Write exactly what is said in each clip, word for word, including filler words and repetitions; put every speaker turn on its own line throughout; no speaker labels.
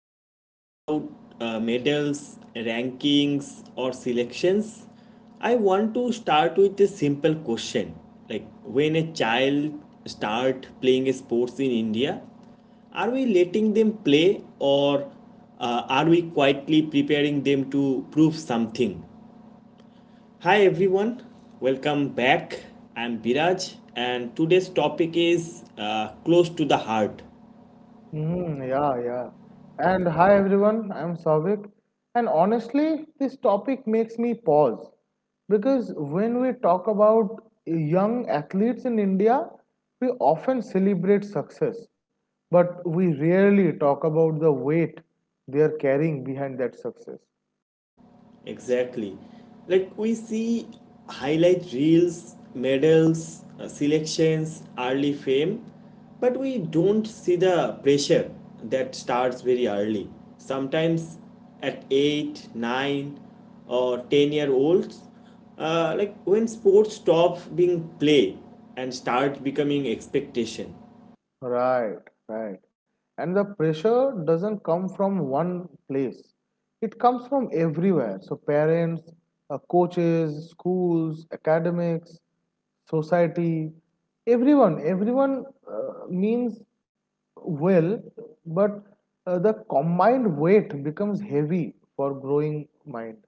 even talk about uh, medals, rankings, or selections, I want to start with a simple question. Like, when a child start playing sports in India, are we letting them play or uh, are we quietly preparing them to prove something? Hi everyone, welcome back. I'm Biraj, and today's topic is uh, close to the heart.
Hmm, yeah, yeah. And hi everyone, I'm Savik. And honestly, this topic makes me pause because when we talk about young athletes in India, we often celebrate success, but we rarely talk about the weight they are carrying behind that success.
Exactly. Like we see highlight reels, medals, uh, selections, early fame, but we don't see the pressure that starts very early. Sometimes at eight, nine, or ten year olds, uh, like when sports stop being play and start becoming expectation.
Right, right. And the pressure doesn't come from one place. It comes from everywhere. So parents, uh, coaches, schools, academics, society, everyone, everyone uh, means well, but uh, the combined weight becomes heavy for growing mind.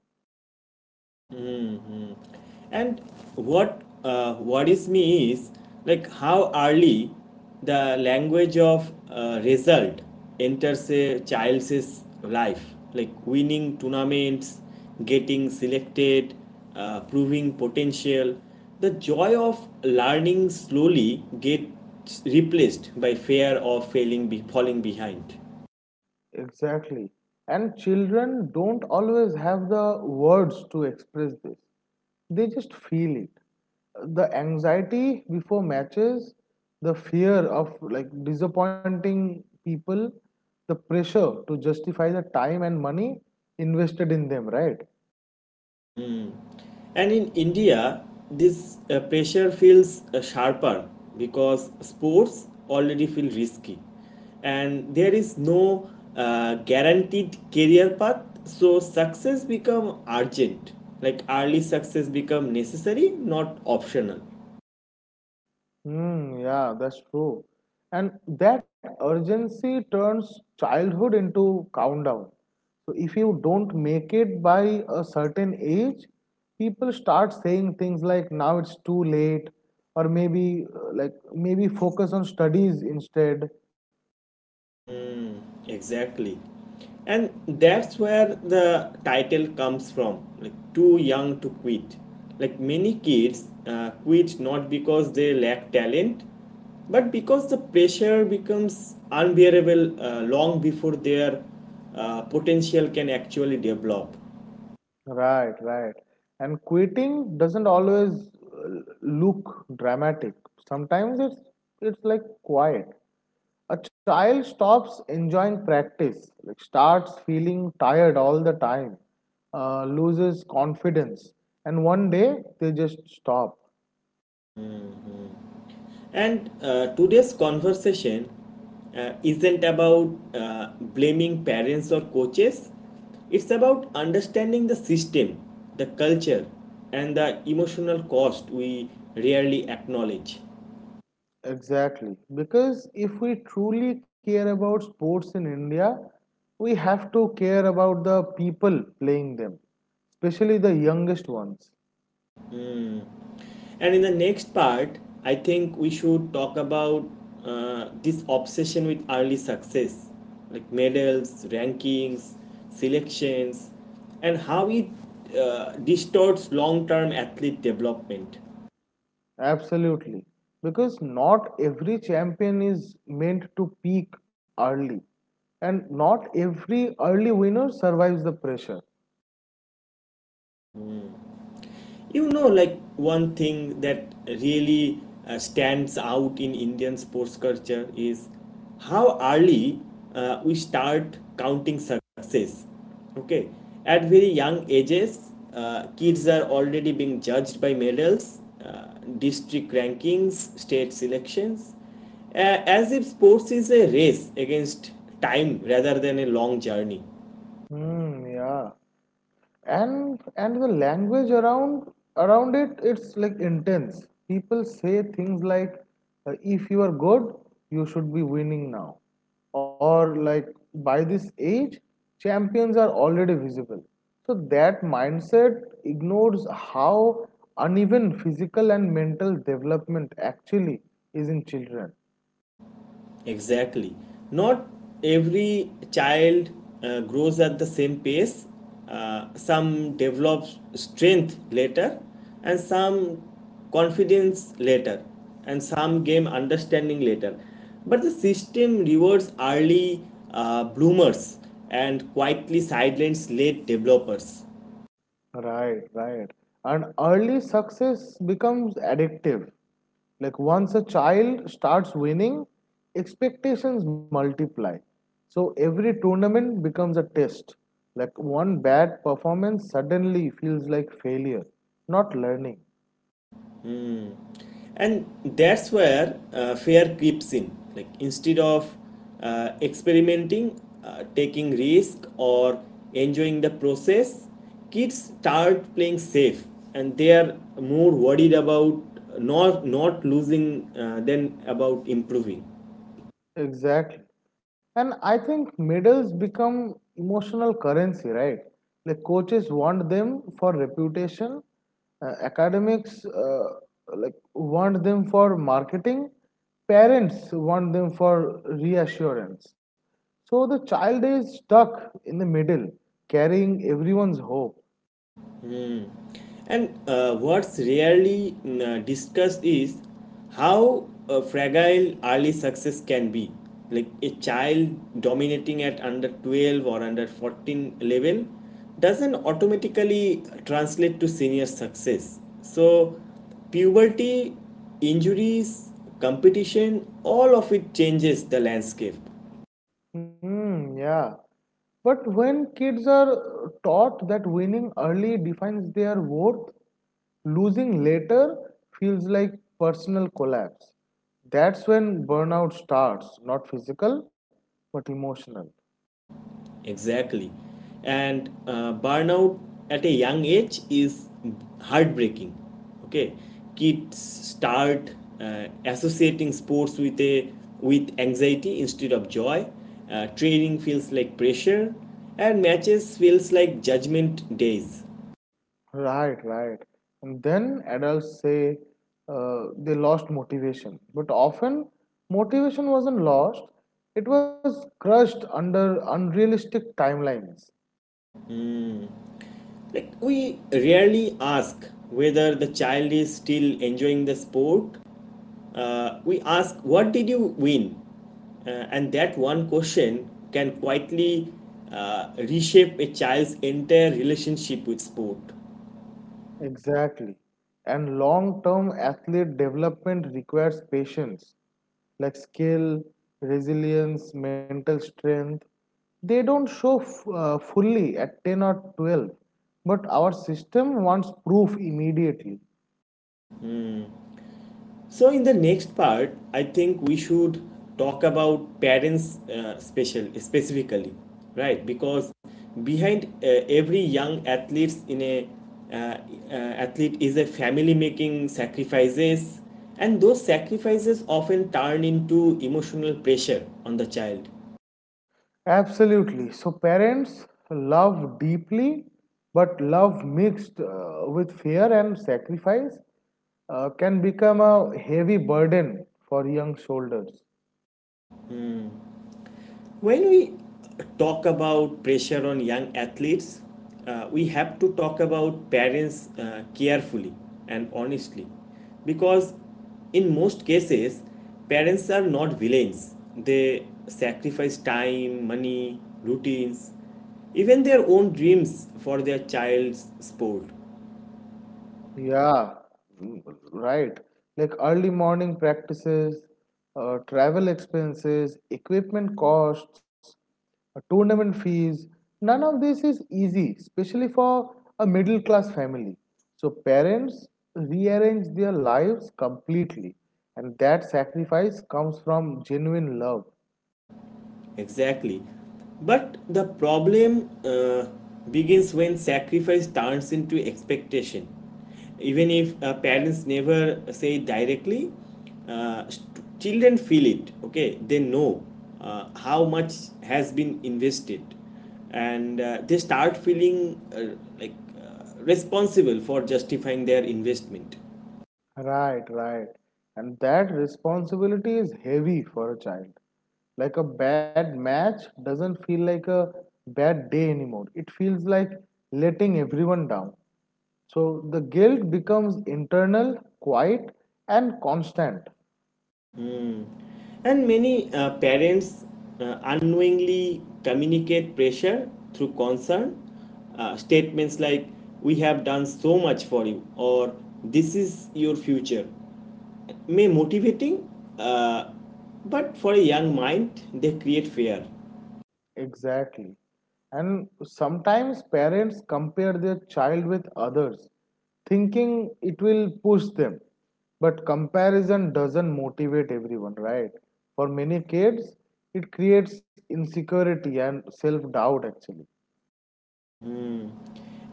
And what uh, worries me is like how early the language of uh, result enters a child's life, like winning tournaments, getting selected, uh, proving potential. The joy of learning slowly gets replaced by fear of failing, be- falling behind.
Exactly. And children don't always have the words to express this. They just feel it. The anxiety before matches, the fear of like disappointing people, the pressure to justify the time and money invested in them, right?
And in India, this uh, pressure feels uh, sharper because sports already feel risky and there is no uh, guaranteed career path, so success become urgent, like early success become necessary, not optional.
Hmm, yeah, that's true. And that urgency turns childhood into countdown. So if you don't make it by a certain age, people start saying things like now it's too late, or maybe uh, like maybe focus on studies instead.
Exactly. And that's where the title comes from, like too young to quit. Like many kids uh, quit not because they lack talent, but because the pressure becomes unbearable uh, long before their uh, potential can actually develop.
Right, right. And quitting doesn't always uh, look dramatic. Sometimes it's it's like quiet. A child stops enjoying practice, like starts feeling tired all the time, uh, loses confidence, and one day they just stop.
And uh, today's conversation uh, isn't about uh, blaming parents or coaches, it's about understanding the system, the culture, and the emotional cost we rarely acknowledge.
Exactly. Because if we truly care about sports in India, we have to care about the people playing them, especially the youngest ones.
And in the next part, I think we should talk about uh, this obsession with early success, like medals, rankings, selections, and how it uh, distorts long term athlete development.
Absolutely. Because not every champion is meant to peak early, and not every early winner survives the pressure.
You know, like one thing that really uh, stands out in Indian sports culture is how early uh, we start counting success. Okay, at very young ages, uh, kids are already being judged by medals, uh, district rankings, state selections, uh, as if sports is a race against time rather than a long journey.
Hmm, yeah. and and the language around around it it's like intense. People say things like uh, if you are good, you should be winning now, or like, by this age champions are already visible. So that mindset ignores how uneven physical and mental development actually is in children.
Exactly. Not every child uh, grows at the same pace. Uh, some develop strength later, and some confidence later, and some gain understanding later. But the system rewards early uh, bloomers and quietly sidelines late developers.
Right, right. And early success becomes addictive. Like once a child starts winning, expectations multiply. So every tournament becomes a test. Like one bad performance suddenly feels like failure, not learning.
And that's where uh, fear creeps in, like instead of uh, experimenting, uh, taking risk or enjoying the process, kids start playing safe and they are more worried about not not losing uh, than about improving.
Exactly. And I think medals become emotional currency, right? Like coaches want them for reputation, uh, academics uh, like want them for marketing, parents want them for reassurance. So the child is stuck in the middle, carrying everyone's hope.
And uh, what's rarely mm, uh, discussed is how uh, fragile early success can be. Like a child dominating at under twelve or under fourteen level doesn't automatically translate to senior success. So, puberty, injuries, competition, all of it changes the landscape.
Hmm, yeah. But when kids are taught that winning early defines their worth, Losing later feels like personal collapse. That's when burnout starts, not physical, but emotional.
Exactly. And uh, burnout at a young age is heartbreaking. Okay. Kids start uh, associating sports with a with anxiety instead of joy. Uh, training feels like pressure and matches feels like judgment days.
Right, right. And then adults say uh, they lost motivation. But often, motivation wasn't lost, it was crushed under unrealistic timelines.
Like we rarely ask whether the child is still enjoying the sport. Uh, we ask, "What did you win?" Uh, and that one question can quietly uh, reshape a child's entire relationship with sport.
Exactly. And long term athlete development requires patience, like skill, resilience, mental strength. They don't show f- uh, fully at ten or twelve, but our system wants proof immediately.
So, in the next part, I think we should talk about parents uh, special specifically, right? Because behind uh, every young athletes in a uh, uh, athlete is a family making sacrifices, and those sacrifices often turn into emotional pressure on the child.
Absolutely. So, parents love deeply, but love mixed uh, with fear and sacrifice uh, can become a heavy burden for young shoulders.
When we talk about pressure on young athletes, uh, we have to talk about parents uh, carefully and honestly because, in most cases, parents are not villains. They sacrifice time, money, routines, even their own dreams for their child's sport.
Yeah, mm, right. Like early morning practices, uh, travel expenses, equipment costs, uh, tournament fees. None of this is easy, especially for a middle class family. So parents rearrange their lives completely, and that sacrifice comes from genuine love.
Exactly. But the problem uh, begins when sacrifice turns into expectation. Even if uh, parents never say it directly, uh, st- children feel it. Okay, they know uh, how much has been invested, and uh, they start feeling uh, like uh, responsible for justifying their investment.
Right, right. And that responsibility is heavy for a child. Like a bad match doesn't feel like a bad day anymore. It feels like letting everyone down. So the guilt becomes internal, quiet, and constant.
And many uh, parents uh, unknowingly communicate pressure through concern, uh, statements like, "We have done so much for you," or "This is your future," may motivating, uh, but for a young mind, they create fear.
Exactly. And sometimes parents compare their child with others, thinking it will push them. But comparison doesn't motivate everyone, right? For many kids, it creates insecurity and self doubt actually.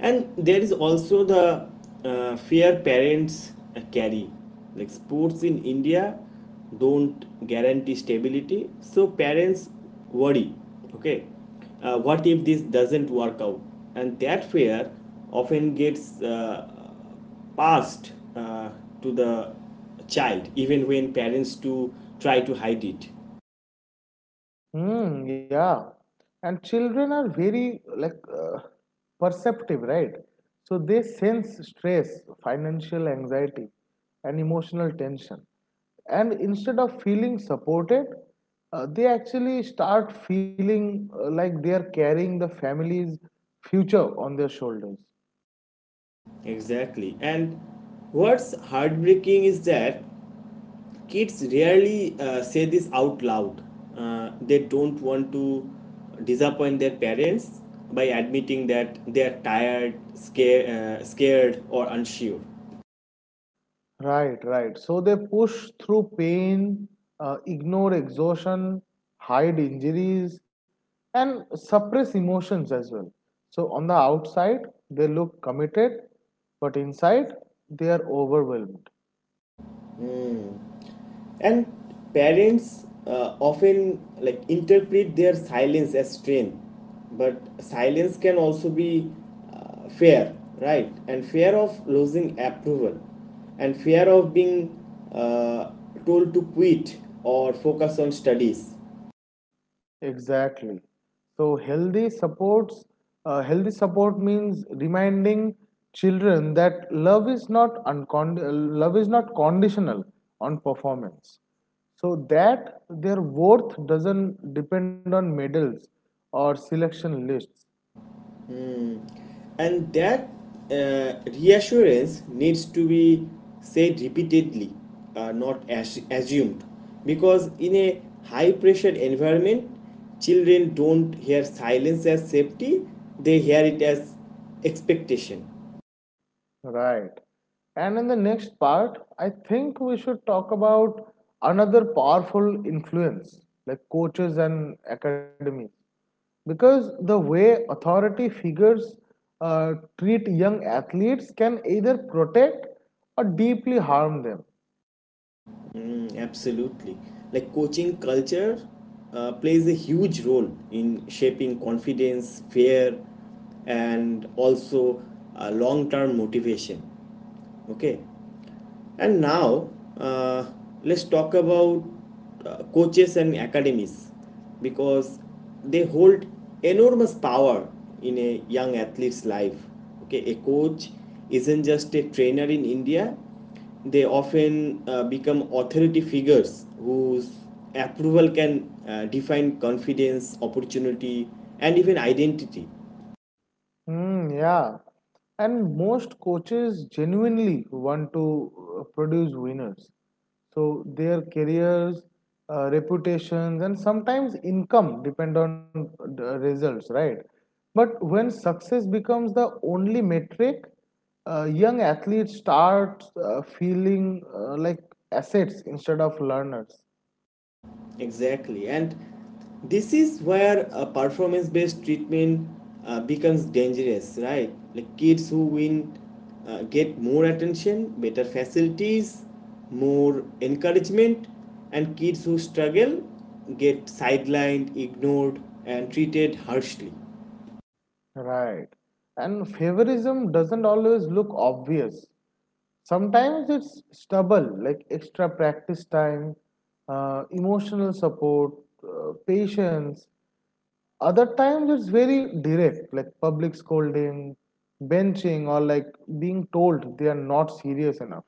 And there is also the uh, fear parents uh, carry. Like sports in India don't guarantee stability, so parents worry. Okay, uh, what if this doesn't work out? And that fear often gets uh, passed uh, to the child, even when parents to try to hide it.
Hmm. Yeah. And children are very like uh, perceptive, right? So they sense stress, financial anxiety, and emotional tension. And instead of feeling supported, uh, they actually start feeling uh, like they are carrying the family's future on their shoulders.
Exactly. And what's heartbreaking is that kids rarely uh, say this out loud. Uh, they don't want to disappoint their parents by admitting that they are tired, scare, uh, scared, or unsure.
Right, right. So they push through pain, uh, ignore exhaustion, hide injuries, and suppress emotions as well. So on the outside, they look committed, but inside, they are overwhelmed.
And parents uh, often like interpret their silence as strength, but silence can also be uh, fear, right? And fear of losing approval, and fear of being uh, told to quit or focus on studies.
Exactly. So healthy supports uh, healthy support means reminding children that love is not uncon- love is not conditional on performance. So that their worth doesn't depend on medals or selection lists.
And that uh, reassurance needs to be said repeatedly, uh, not as- assumed, because in a high pressure environment children don't hear silence as safety, they hear it as expectation.
Right. And in the next part, I think we should talk about another powerful influence, like coaches and academies. Because the way authority figures uh, treat young athletes can either protect or deeply harm them.
Mm, absolutely. Like coaching culture uh, plays a huge role in shaping confidence, fear, and also uh, long term motivation. Okay. And now uh, let's talk about uh, coaches and academies because they hold enormous power in a young athlete's life. Okay, a coach isn't just a trainer in India, they often uh, become authority figures whose approval can uh, define confidence, opportunity, and even identity.
Mm, yeah. And most coaches genuinely want to uh, produce winners. So their careers, uh, reputations, and sometimes income depend on the results, right? But when success becomes the only metric, uh, young athletes start uh, feeling uh, like assets instead of learners.
Exactly. And this is where a performance based treatment uh, becomes dangerous, right? Like kids who win uh, get more attention, better facilities, more encouragement, and kids who struggle get sidelined, ignored, and treated harshly.
Right. And favorism doesn't always look obvious. Sometimes it's stubble, like extra practice time, uh, emotional support, uh, patience. Other times it's very direct, like public scolding, benching, or like being told they are not serious enough.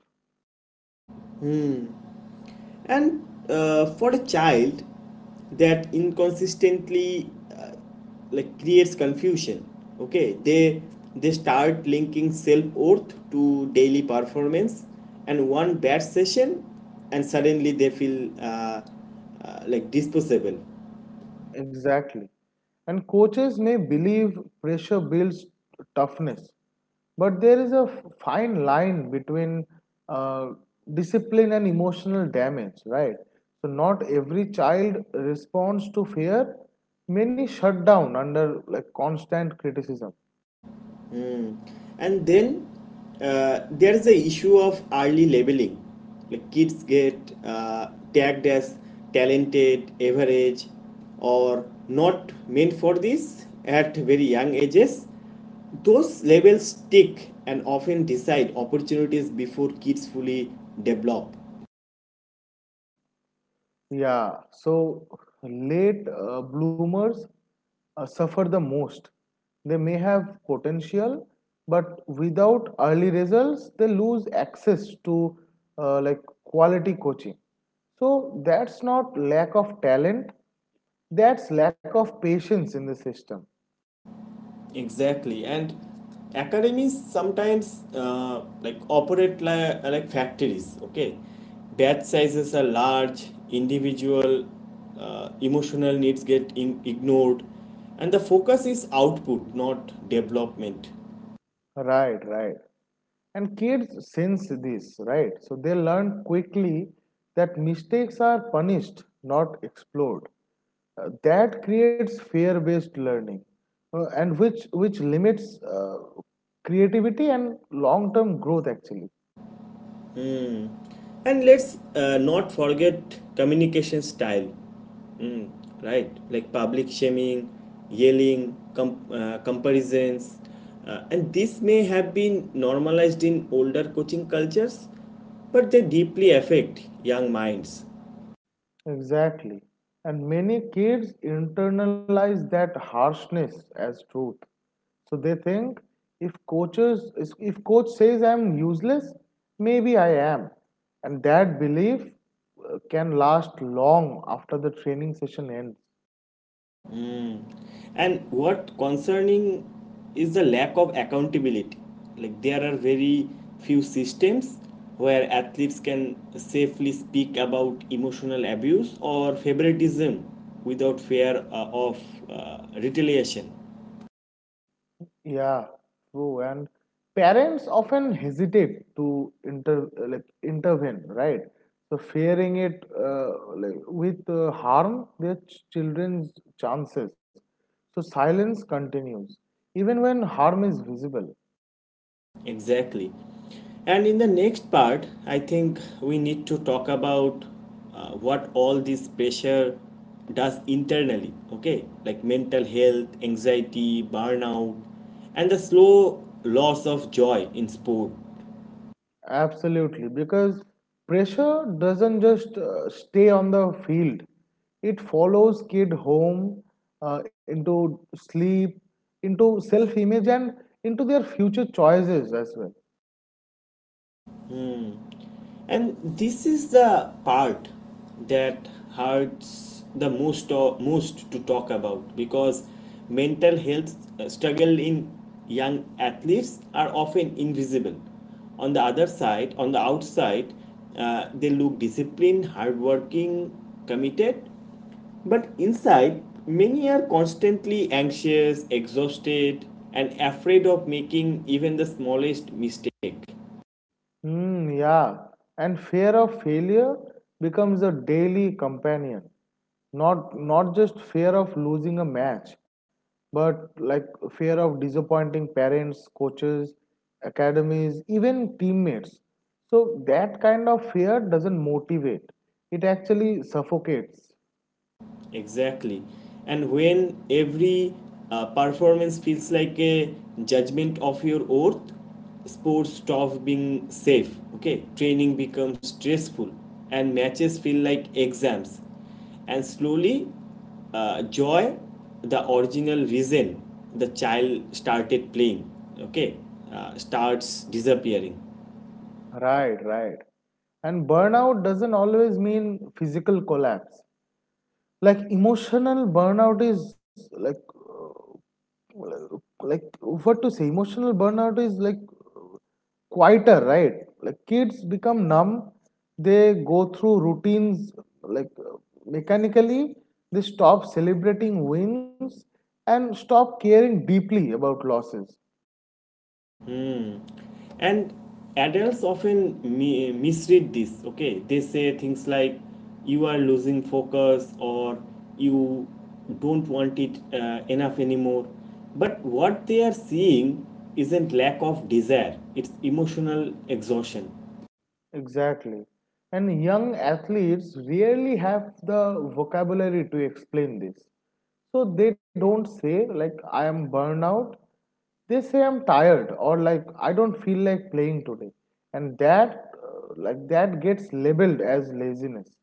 And uh, for a child, that inconsistently uh, like creates confusion. Okay, they they start linking self worth to daily performance, and one bad session, and suddenly they feel uh, uh, like disposable.
Exactly. And coaches may believe pressure builds toughness, but there is a f- fine line between uh, discipline and emotional damage, right? So, not every child responds to fear. Many shut down under like constant criticism.
Mm. And then uh, there is the issue of early labeling. Like kids get uh, tagged as talented, average, or not meant for this at very young ages. Those labels stick and often decide opportunities before kids fully develop.
Yeah, so late uh, bloomers uh, suffer the most. They may have potential, but without early results, they lose access to uh, like quality coaching. So that's not lack of talent, that's lack of patience in the system.
Exactly. And academies sometimes uh, like operate like, like factories. Okay, batch sizes are large, individual uh, emotional needs get in- ignored, and the focus is output, not development.
Right, right. And kids sense this, right? So they learn quickly that mistakes are punished, not explored. Uh, that creates fear-based learning, uh, and which which limits uh, creativity and long-term growth actually.
And let's uh, not forget communication style, mm, right? Like public shaming, yelling, com- uh, comparisons. Uh, and this may have been normalized in older coaching cultures, but they deeply affect young minds.
Exactly. And many kids internalize that harshness as truth. So they think if coaches if coach says I'm useless, maybe I am. And that belief uh, can last long after the training session ends.
Mm. And what concerning is the lack of accountability. Like there are very few systems where athletes can safely speak about emotional abuse or favoritism without fear uh, of uh, retaliation.
Yeah, true. And parents often hesitate to inter like intervene, right? So fearing it uh, like, with uh, harm their ch- children's chances. So silence continues, even when harm is visible.
Exactly. And in the next part, I think we need to talk about uh, what all this pressure does internally, okay? Like mental health, anxiety, burnout, and the slow loss of joy in sport.
Absolutely, because pressure doesn't just uh, stay on the field. It follows kid home, uh, into sleep, into self-image, and into their future choices as well.
And this is the part that hurts the most to- most to talk about because mental health uh, struggle in young athletes are often invisible on the other side, on the outside, uh, they look disciplined, hardworking, committed, but inside, many are constantly anxious, exhausted, and afraid of making even the smallest mistake.
Hmm, yeah. And fear of failure becomes a daily companion. Not not just fear of losing a match, but like fear of disappointing parents, coaches, academies, even teammates. So that kind of fear doesn't motivate. It actually suffocates.
Exactly. And when every uh, performance feels like a judgment of your worth, sports stop being safe. Okay, training becomes stressful, and matches feel like exams. And slowly, uh, joy, the original reason the child started playing, okay, uh, starts disappearing.
Right, right. And burnout doesn't always mean physical collapse. Like emotional burnout is like uh, like what to say emotional burnout is like quieter, right? Like kids become numb. They go through routines like, uh, mechanically. They stop celebrating wins and stop caring deeply about losses.
And adults often mi- misread this, okay? They say things like, "You are losing focus," or "You don't want it uh, enough anymore." But what they are seeing isn't lack of desire, it's emotional exhaustion.
Exactly. And young athletes rarely have the vocabulary to explain this. So they don't say, like, I am burned out. They say, I'm tired, or like, I don't feel like playing today. And that, uh, like, that gets labeled as laziness.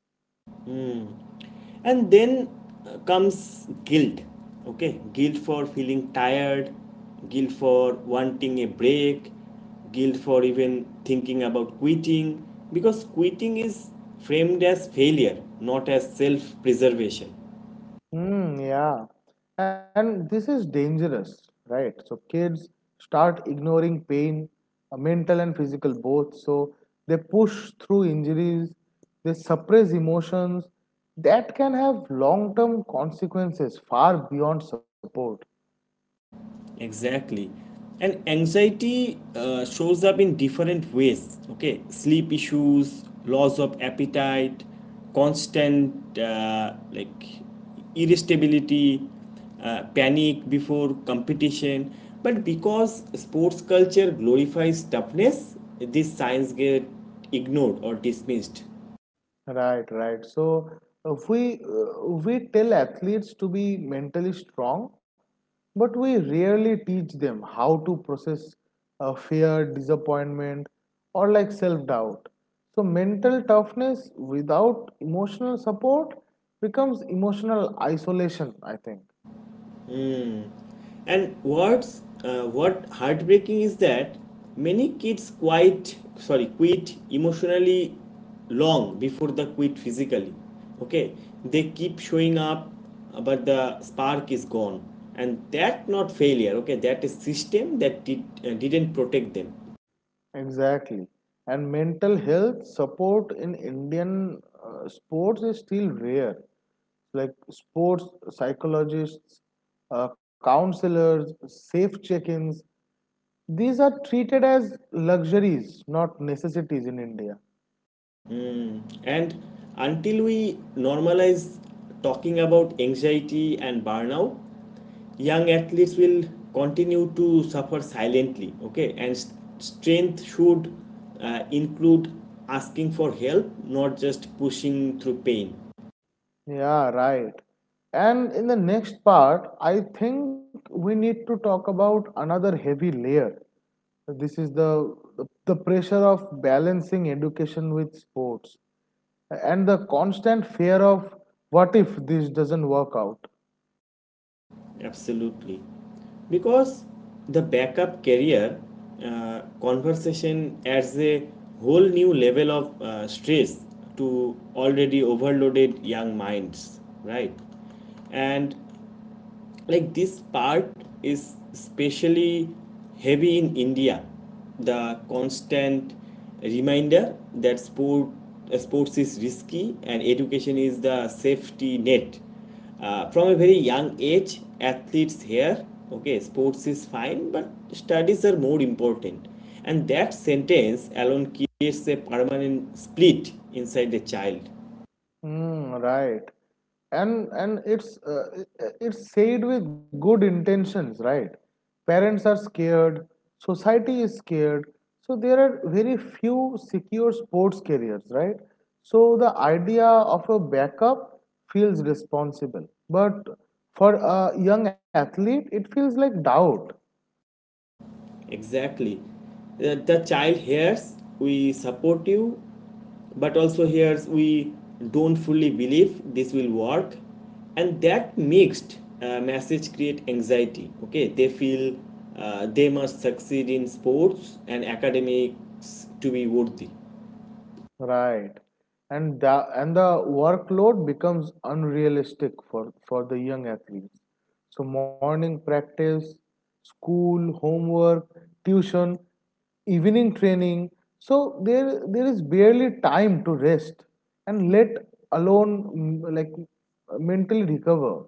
And then uh, comes guilt. Okay, guilt for feeling tired, guilt for wanting a break, guilt for even thinking about quitting, because quitting is framed as failure, not as self preservation.
Mm, yeah. And this is dangerous, right? So kids start ignoring pain, uh, mental and physical both. So they push through injuries, they suppress emotions that can have long-term consequences far beyond support.
Exactly. And anxiety uh, shows up in different ways. Okay, sleep issues, loss of appetite, constant uh, like irritability, uh, panic before competition. But because sports culture glorifies toughness, these signs get ignored or dismissed.
Right, right. So uh, we uh, we tell athletes to be mentally strong, but we rarely teach them how to process uh, fear, disappointment, or like self-doubt. So mental toughness without emotional support becomes emotional isolation, I think.
And what's uh, what heartbreaking is that many kids quite sorry quit emotionally long before they quit physically. Okay, they keep showing up, uh, but the spark is gone, and that not failure. Okay, that is system that did uh, didn't protect them.
Exactly. And mental health support in Indian uh, sports is still rare. Like sports psychologists, uh, counselors, safe check ins, these are treated as luxuries, not necessities in India.
And until we normalize talking about anxiety and burnout, young athletes will continue to suffer silently. Okay, and st- strength should uh, include asking for help, not just pushing through pain.
Yeah, right. And in the next part, I think we need to talk about another heavy layer. This is the, the, the pressure of balancing education with sports, and the constant fear of what if this doesn't work out.
Absolutely. Because the backup carrier uh, conversation adds a whole new level of uh, stress to already overloaded young minds, right? And like this part is especially heavy in India, the constant reminder that sport uh, sports is risky and education is the safety net. Uh, from a very young age athletes here, okay, sports is fine but studies are more important, and that sentence alone creates a permanent split inside the child.
Mm, right. And and it's uh, it's said with good intentions, right? Parents are scared, society is scared, so there are very few secure sports careers, right? So the idea of a backup feels responsible, but for a young athlete it feels like doubt.
Exactly. The, the child hears "we support you," but also hears "we don't fully believe this will work," and that mixed uh, message create anxiety. Okay, they feel uh, they must succeed in sports and academics to be worthy.
Right. And the and the workload becomes unrealistic for, for the young athletes. So morning practice, school, homework, tuition, evening training. So there there is barely time to rest, and let alone mm, like mentally recover.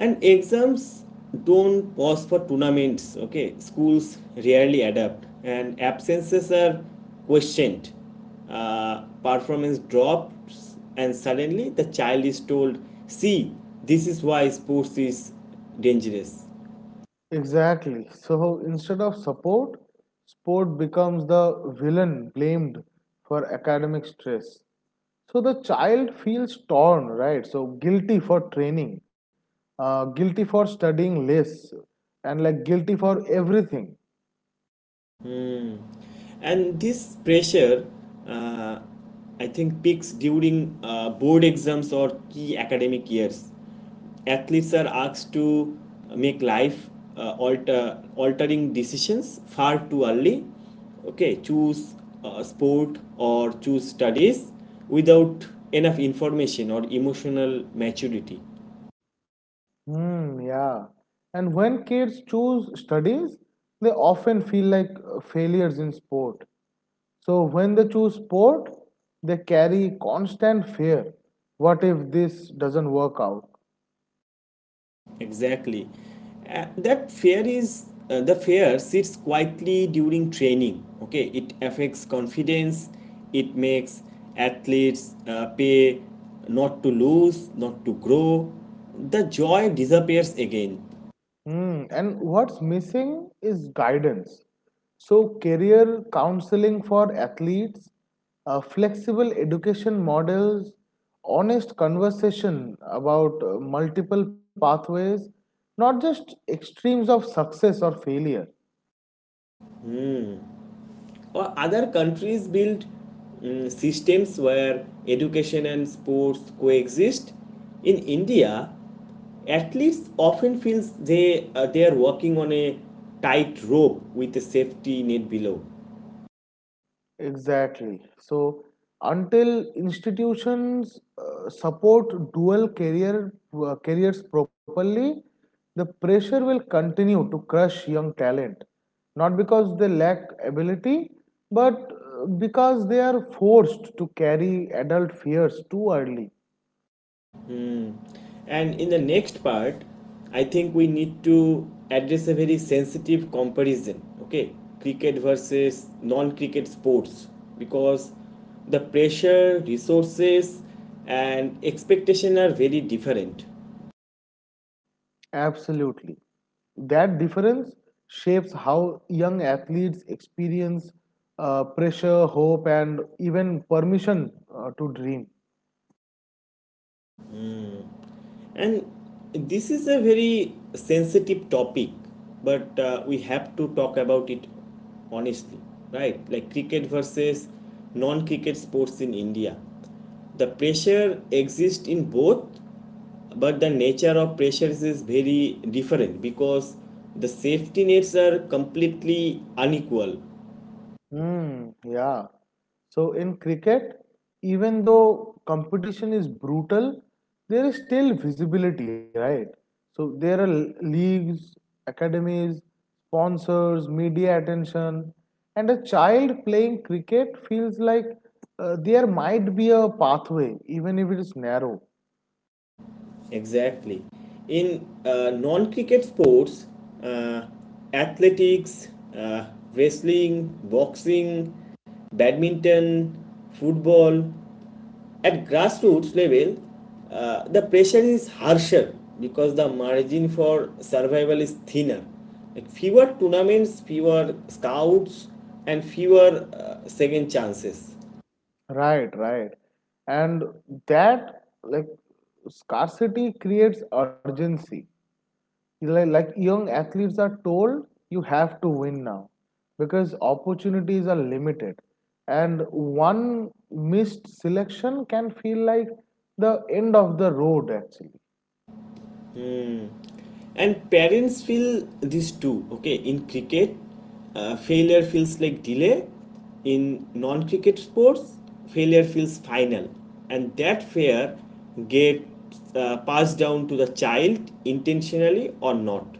And exams don't pause for tournaments, okay? Schools rarely adapt, and absences are questioned. Uh, performance drops, and suddenly the child is told, "See, this is why sports is dangerous."
Exactly. So instead of support, sport becomes the villain blamed for academic stress. So the child feels torn, right? So guilty for training, uh, guilty for studying less, and like guilty for everything.
Hmm. And this pressure, uh, I think, peaks during uh, board exams or key academic years. Athletes are asked to make life uh, alter, altering decisions far too early. Okay, choose uh, sport or choose studies without enough information or emotional maturity.
Hmm, yeah. And when kids choose studies, they often feel like uh, failures in sport. So when they choose port, they carry constant fear. What if this doesn't work out?
Exactly. Uh, that fear is uh, The fear sits quietly during training. Okay, it affects confidence. It makes athletes uh, pay not to lose, not to grow. The joy disappears again.
Hmm. And what's missing is guidance. So career counseling for athletes, uh, flexible education models, honest conversation about uh, multiple pathways, not just extremes of success or failure.
Or other countries build mm, systems where education and sports coexist. In india, athletes often feel they uh, they are walking on a tight rope with a safety net below.
Exactly. So until institutions uh, support dual career uh, careers properly, the pressure will continue to crush young talent. Not because they lack ability, but uh, because they are forced to carry adult fears too early.
And in the next part, I think we need to address a very sensitive comparison, okay? Cricket versus non cricket sports, because the pressure, resources, and expectation are very different.
Absolutely. That difference shapes how young athletes experience uh, pressure, hope, and even permission uh, to dream.
And this is a very sensitive topic, but uh, we have to talk about it honestly, right? Like cricket versus non cricket sports in India. The pressure exists in both, but the nature of pressures is very different because the safety nets are completely unequal.
Hmm, yeah. So in cricket, even though competition is brutal, there is still visibility, right? So there are leagues, academies, sponsors, media attention, and a child playing cricket feels like uh, there might be a pathway, even if it is narrow.
Exactly. In uh, non cricket sports, uh, athletics, uh, wrestling, boxing, badminton, football, at grassroots level, uh, the pressure is harsher because the margin for survival is thinner. Like fewer tournaments, fewer scouts, and fewer uh, second chances.
Right, right. And that, like, scarcity creates urgency. like, like young athletes are told you have to win now because opportunities are limited, and one missed selection can feel like the end of the road actually.
And parents feel this too. Okay, in cricket, uh, failure feels like delay. In non cricket sports, failure feels final, and that fear gets uh, passed down to the child, intentionally or not.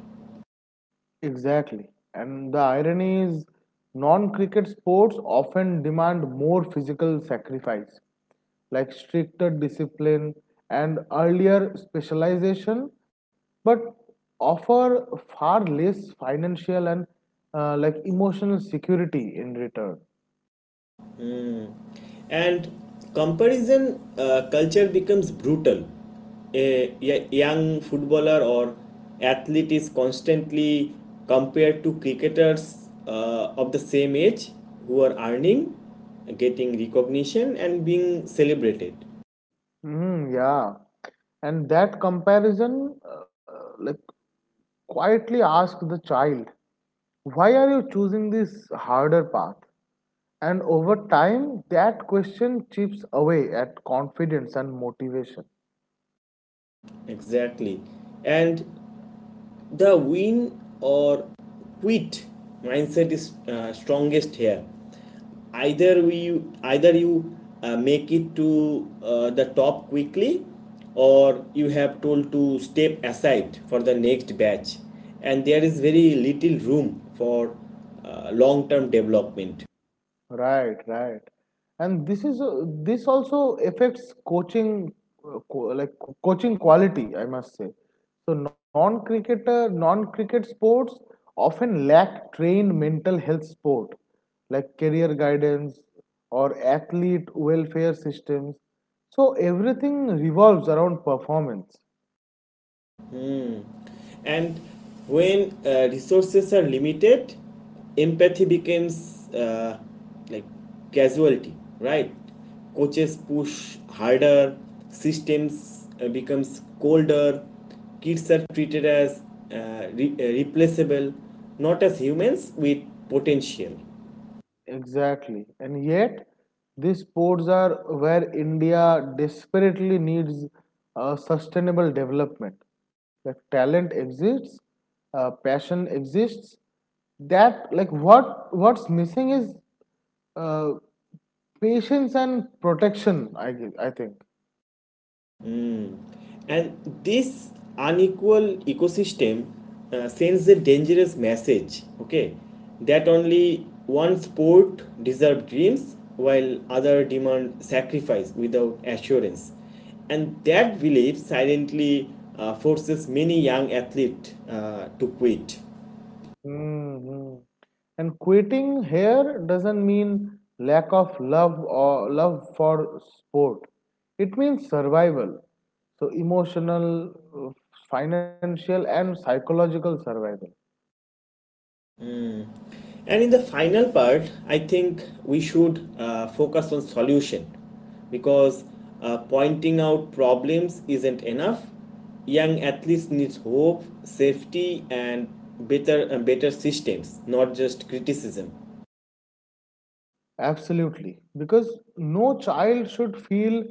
Exactly. And the irony is, non cricket sports often demand more physical sacrifice, like stricter discipline and earlier specialization, but offer far less financial and uh, like emotional security in return.
And comparison uh, culture becomes brutal. A, a young footballer or athlete is constantly compared to cricketers uh, of the same age who are earning, getting recognition, and being celebrated.
Mm, yeah. And that comparison, uh, like, quietly asks the child, why are you choosing this harder path? And over time, that question chips away at confidence and motivation.
Exactly. And the win or quit mindset is uh, strongest here. Either we, either you uh, make it to uh, the top quickly, or you have told to step aside for the next batch, and there is very little room for uh, long-term development.
Right, right. And this is uh, this also affects coaching, uh, co- like co- coaching quality, I must say. So non-cricketer, non-cricket sports often lack trained mental health support, like career guidance or athlete welfare systems. So everything revolves around performance.
And when uh, resources are limited, empathy becomes uh, like casualty, right? Coaches push harder, systems uh, becomes colder, kids are treated as uh, re- uh, replaceable, not as humans with potential.
Exactly. And yet, these sports are where India desperately needs uh, sustainable development. Like talent exists, uh, passion exists. That like what what's missing is uh, patience and protection, I gue- I think.
Mm. And this unequal ecosystem uh, sends a dangerous message, okay, that only one sport deserves dreams while other demand sacrifice without assurance. And that belief silently uh, forces many young athletes uh, to quit.
Hmm. And quitting here doesn't mean lack of love or love for sport. It means survival. So emotional, uh, financial, and psychological survival.
And in the final part, I think we should uh, focus on solution, because uh, pointing out problems isn't enough. Young athletes need hope, safety, and better and better systems, not just criticism.
Absolutely. Because no child should feel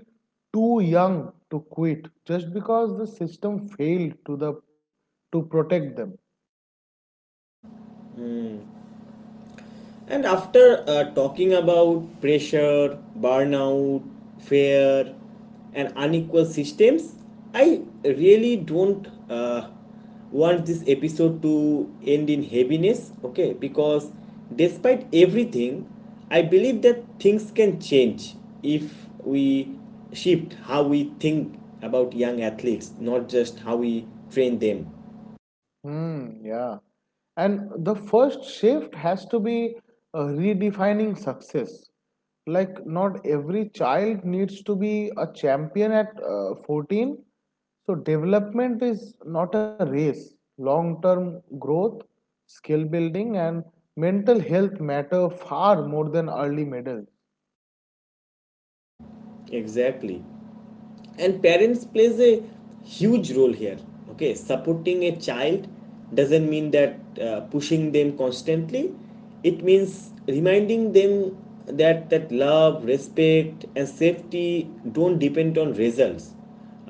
too young to quit just because the system failed to the to protect them.
And after uh, talking about pressure, burnout, fear, and unequal systems, I really don't uh, want this episode to end in heaviness, okay? Because despite everything, I believe that things can change if we shift how we think about young athletes, not just how we train them.
Hmm. yeah. And the first shift has to be uh, redefining success. Like, not every child needs to be a champion at uh, fourteen. So, development is not a race. Long term growth, skill building, and mental health matter far more than early medals.
Exactly. And parents plays a huge role here. Okay, supporting a child doesn't mean that uh, pushing them constantly. It means reminding them that that love, respect, and safety don't depend on results,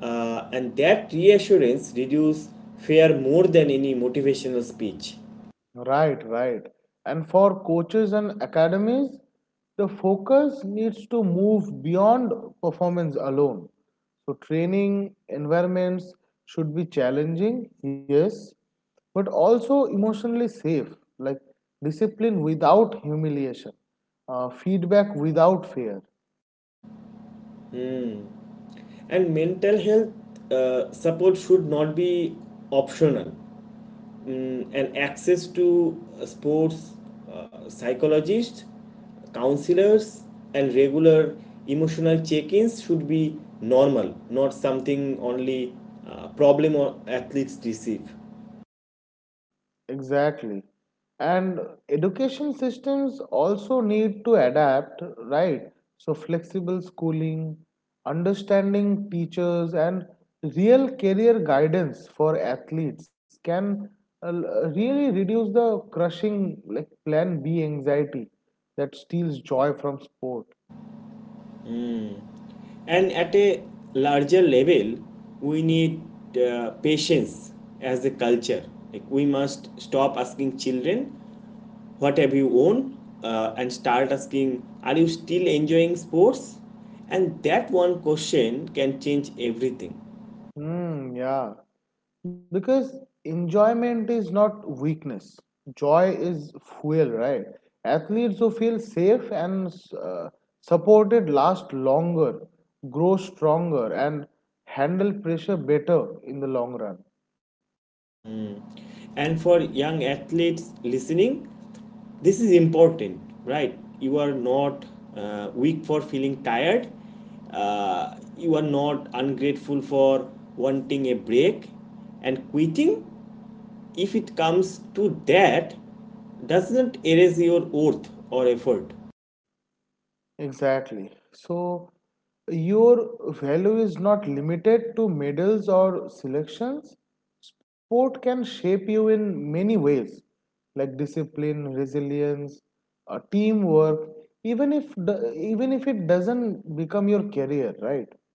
uh, and that reassurance reduces fear more than any motivational speech.
Right, right. And for coaches and academies, the focus needs to move beyond performance alone. So, training environments should be challenging, yes, but also emotionally safe, like discipline without humiliation, uh, feedback without fear.
And mental health uh, support should not be optional, and access to uh, sports uh, psychologists, counselors, and regular emotional check ins should be normal, not something only uh, problem or athletes receive.
Exactly. And education systems also need to adapt, right? So, flexible schooling, understanding teachers, and real career guidance for athletes can uh, really reduce the crushing like plan B anxiety that steals joy from sport.
And at a larger level, we need uh, patience as a culture. Like we must stop asking children, "What have you won?" Uh, and start asking, "Are you still enjoying sports?" And that one question can change everything.
Hmm. yeah. Because enjoyment is not weakness. Joy is fuel, right? Athletes who feel safe and uh, supported last longer, grow stronger, and handle pressure better in the long run.
And for young athletes listening, this is important, right? You are not uh, weak for feeling tired, uh, you are not ungrateful for wanting a break, and quitting, if it comes to that, doesn't erase your worth or effort.
Exactly. So your value is not limited to medals or selections. Sport can shape you in many ways, like discipline, resilience, uh, teamwork, even if the, even if it doesn't become your career, right?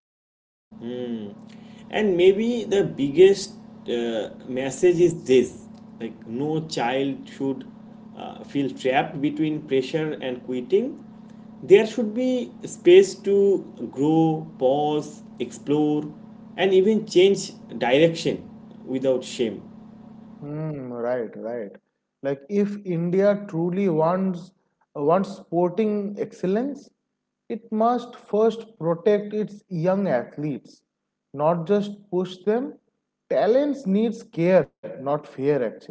And maybe the biggest uh, message is this. Like no child should uh, feel trapped between pressure and quitting. There should be space to grow, pause, explore, and even change direction without shame.
Hmm, right, right. Like if India truly wants wants sporting excellence, it must first protect its young athletes, not just push them. Talents needs care, not fear actually.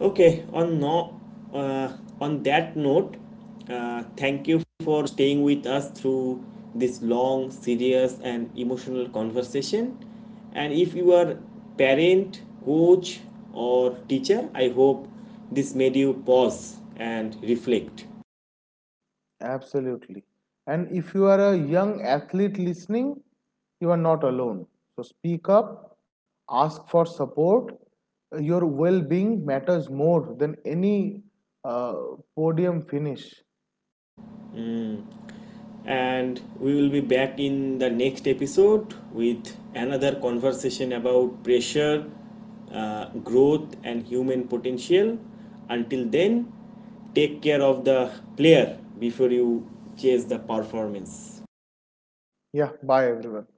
Okay, on no, uh, on that note, uh, thank you for staying with us through this long, serious, and emotional conversation. And if you are parent, coach, or teacher, I hope this made you pause and reflect.
Absolutely. And if you are a young athlete listening, you are not alone. So speak up, ask for support. Your well-being matters more than any uh, podium finish.
And we will be back in the next episode with another conversation about pressure, uh, growth, and human potential. Until then, take care of the player before you chase the performance.
Yeah, bye everyone.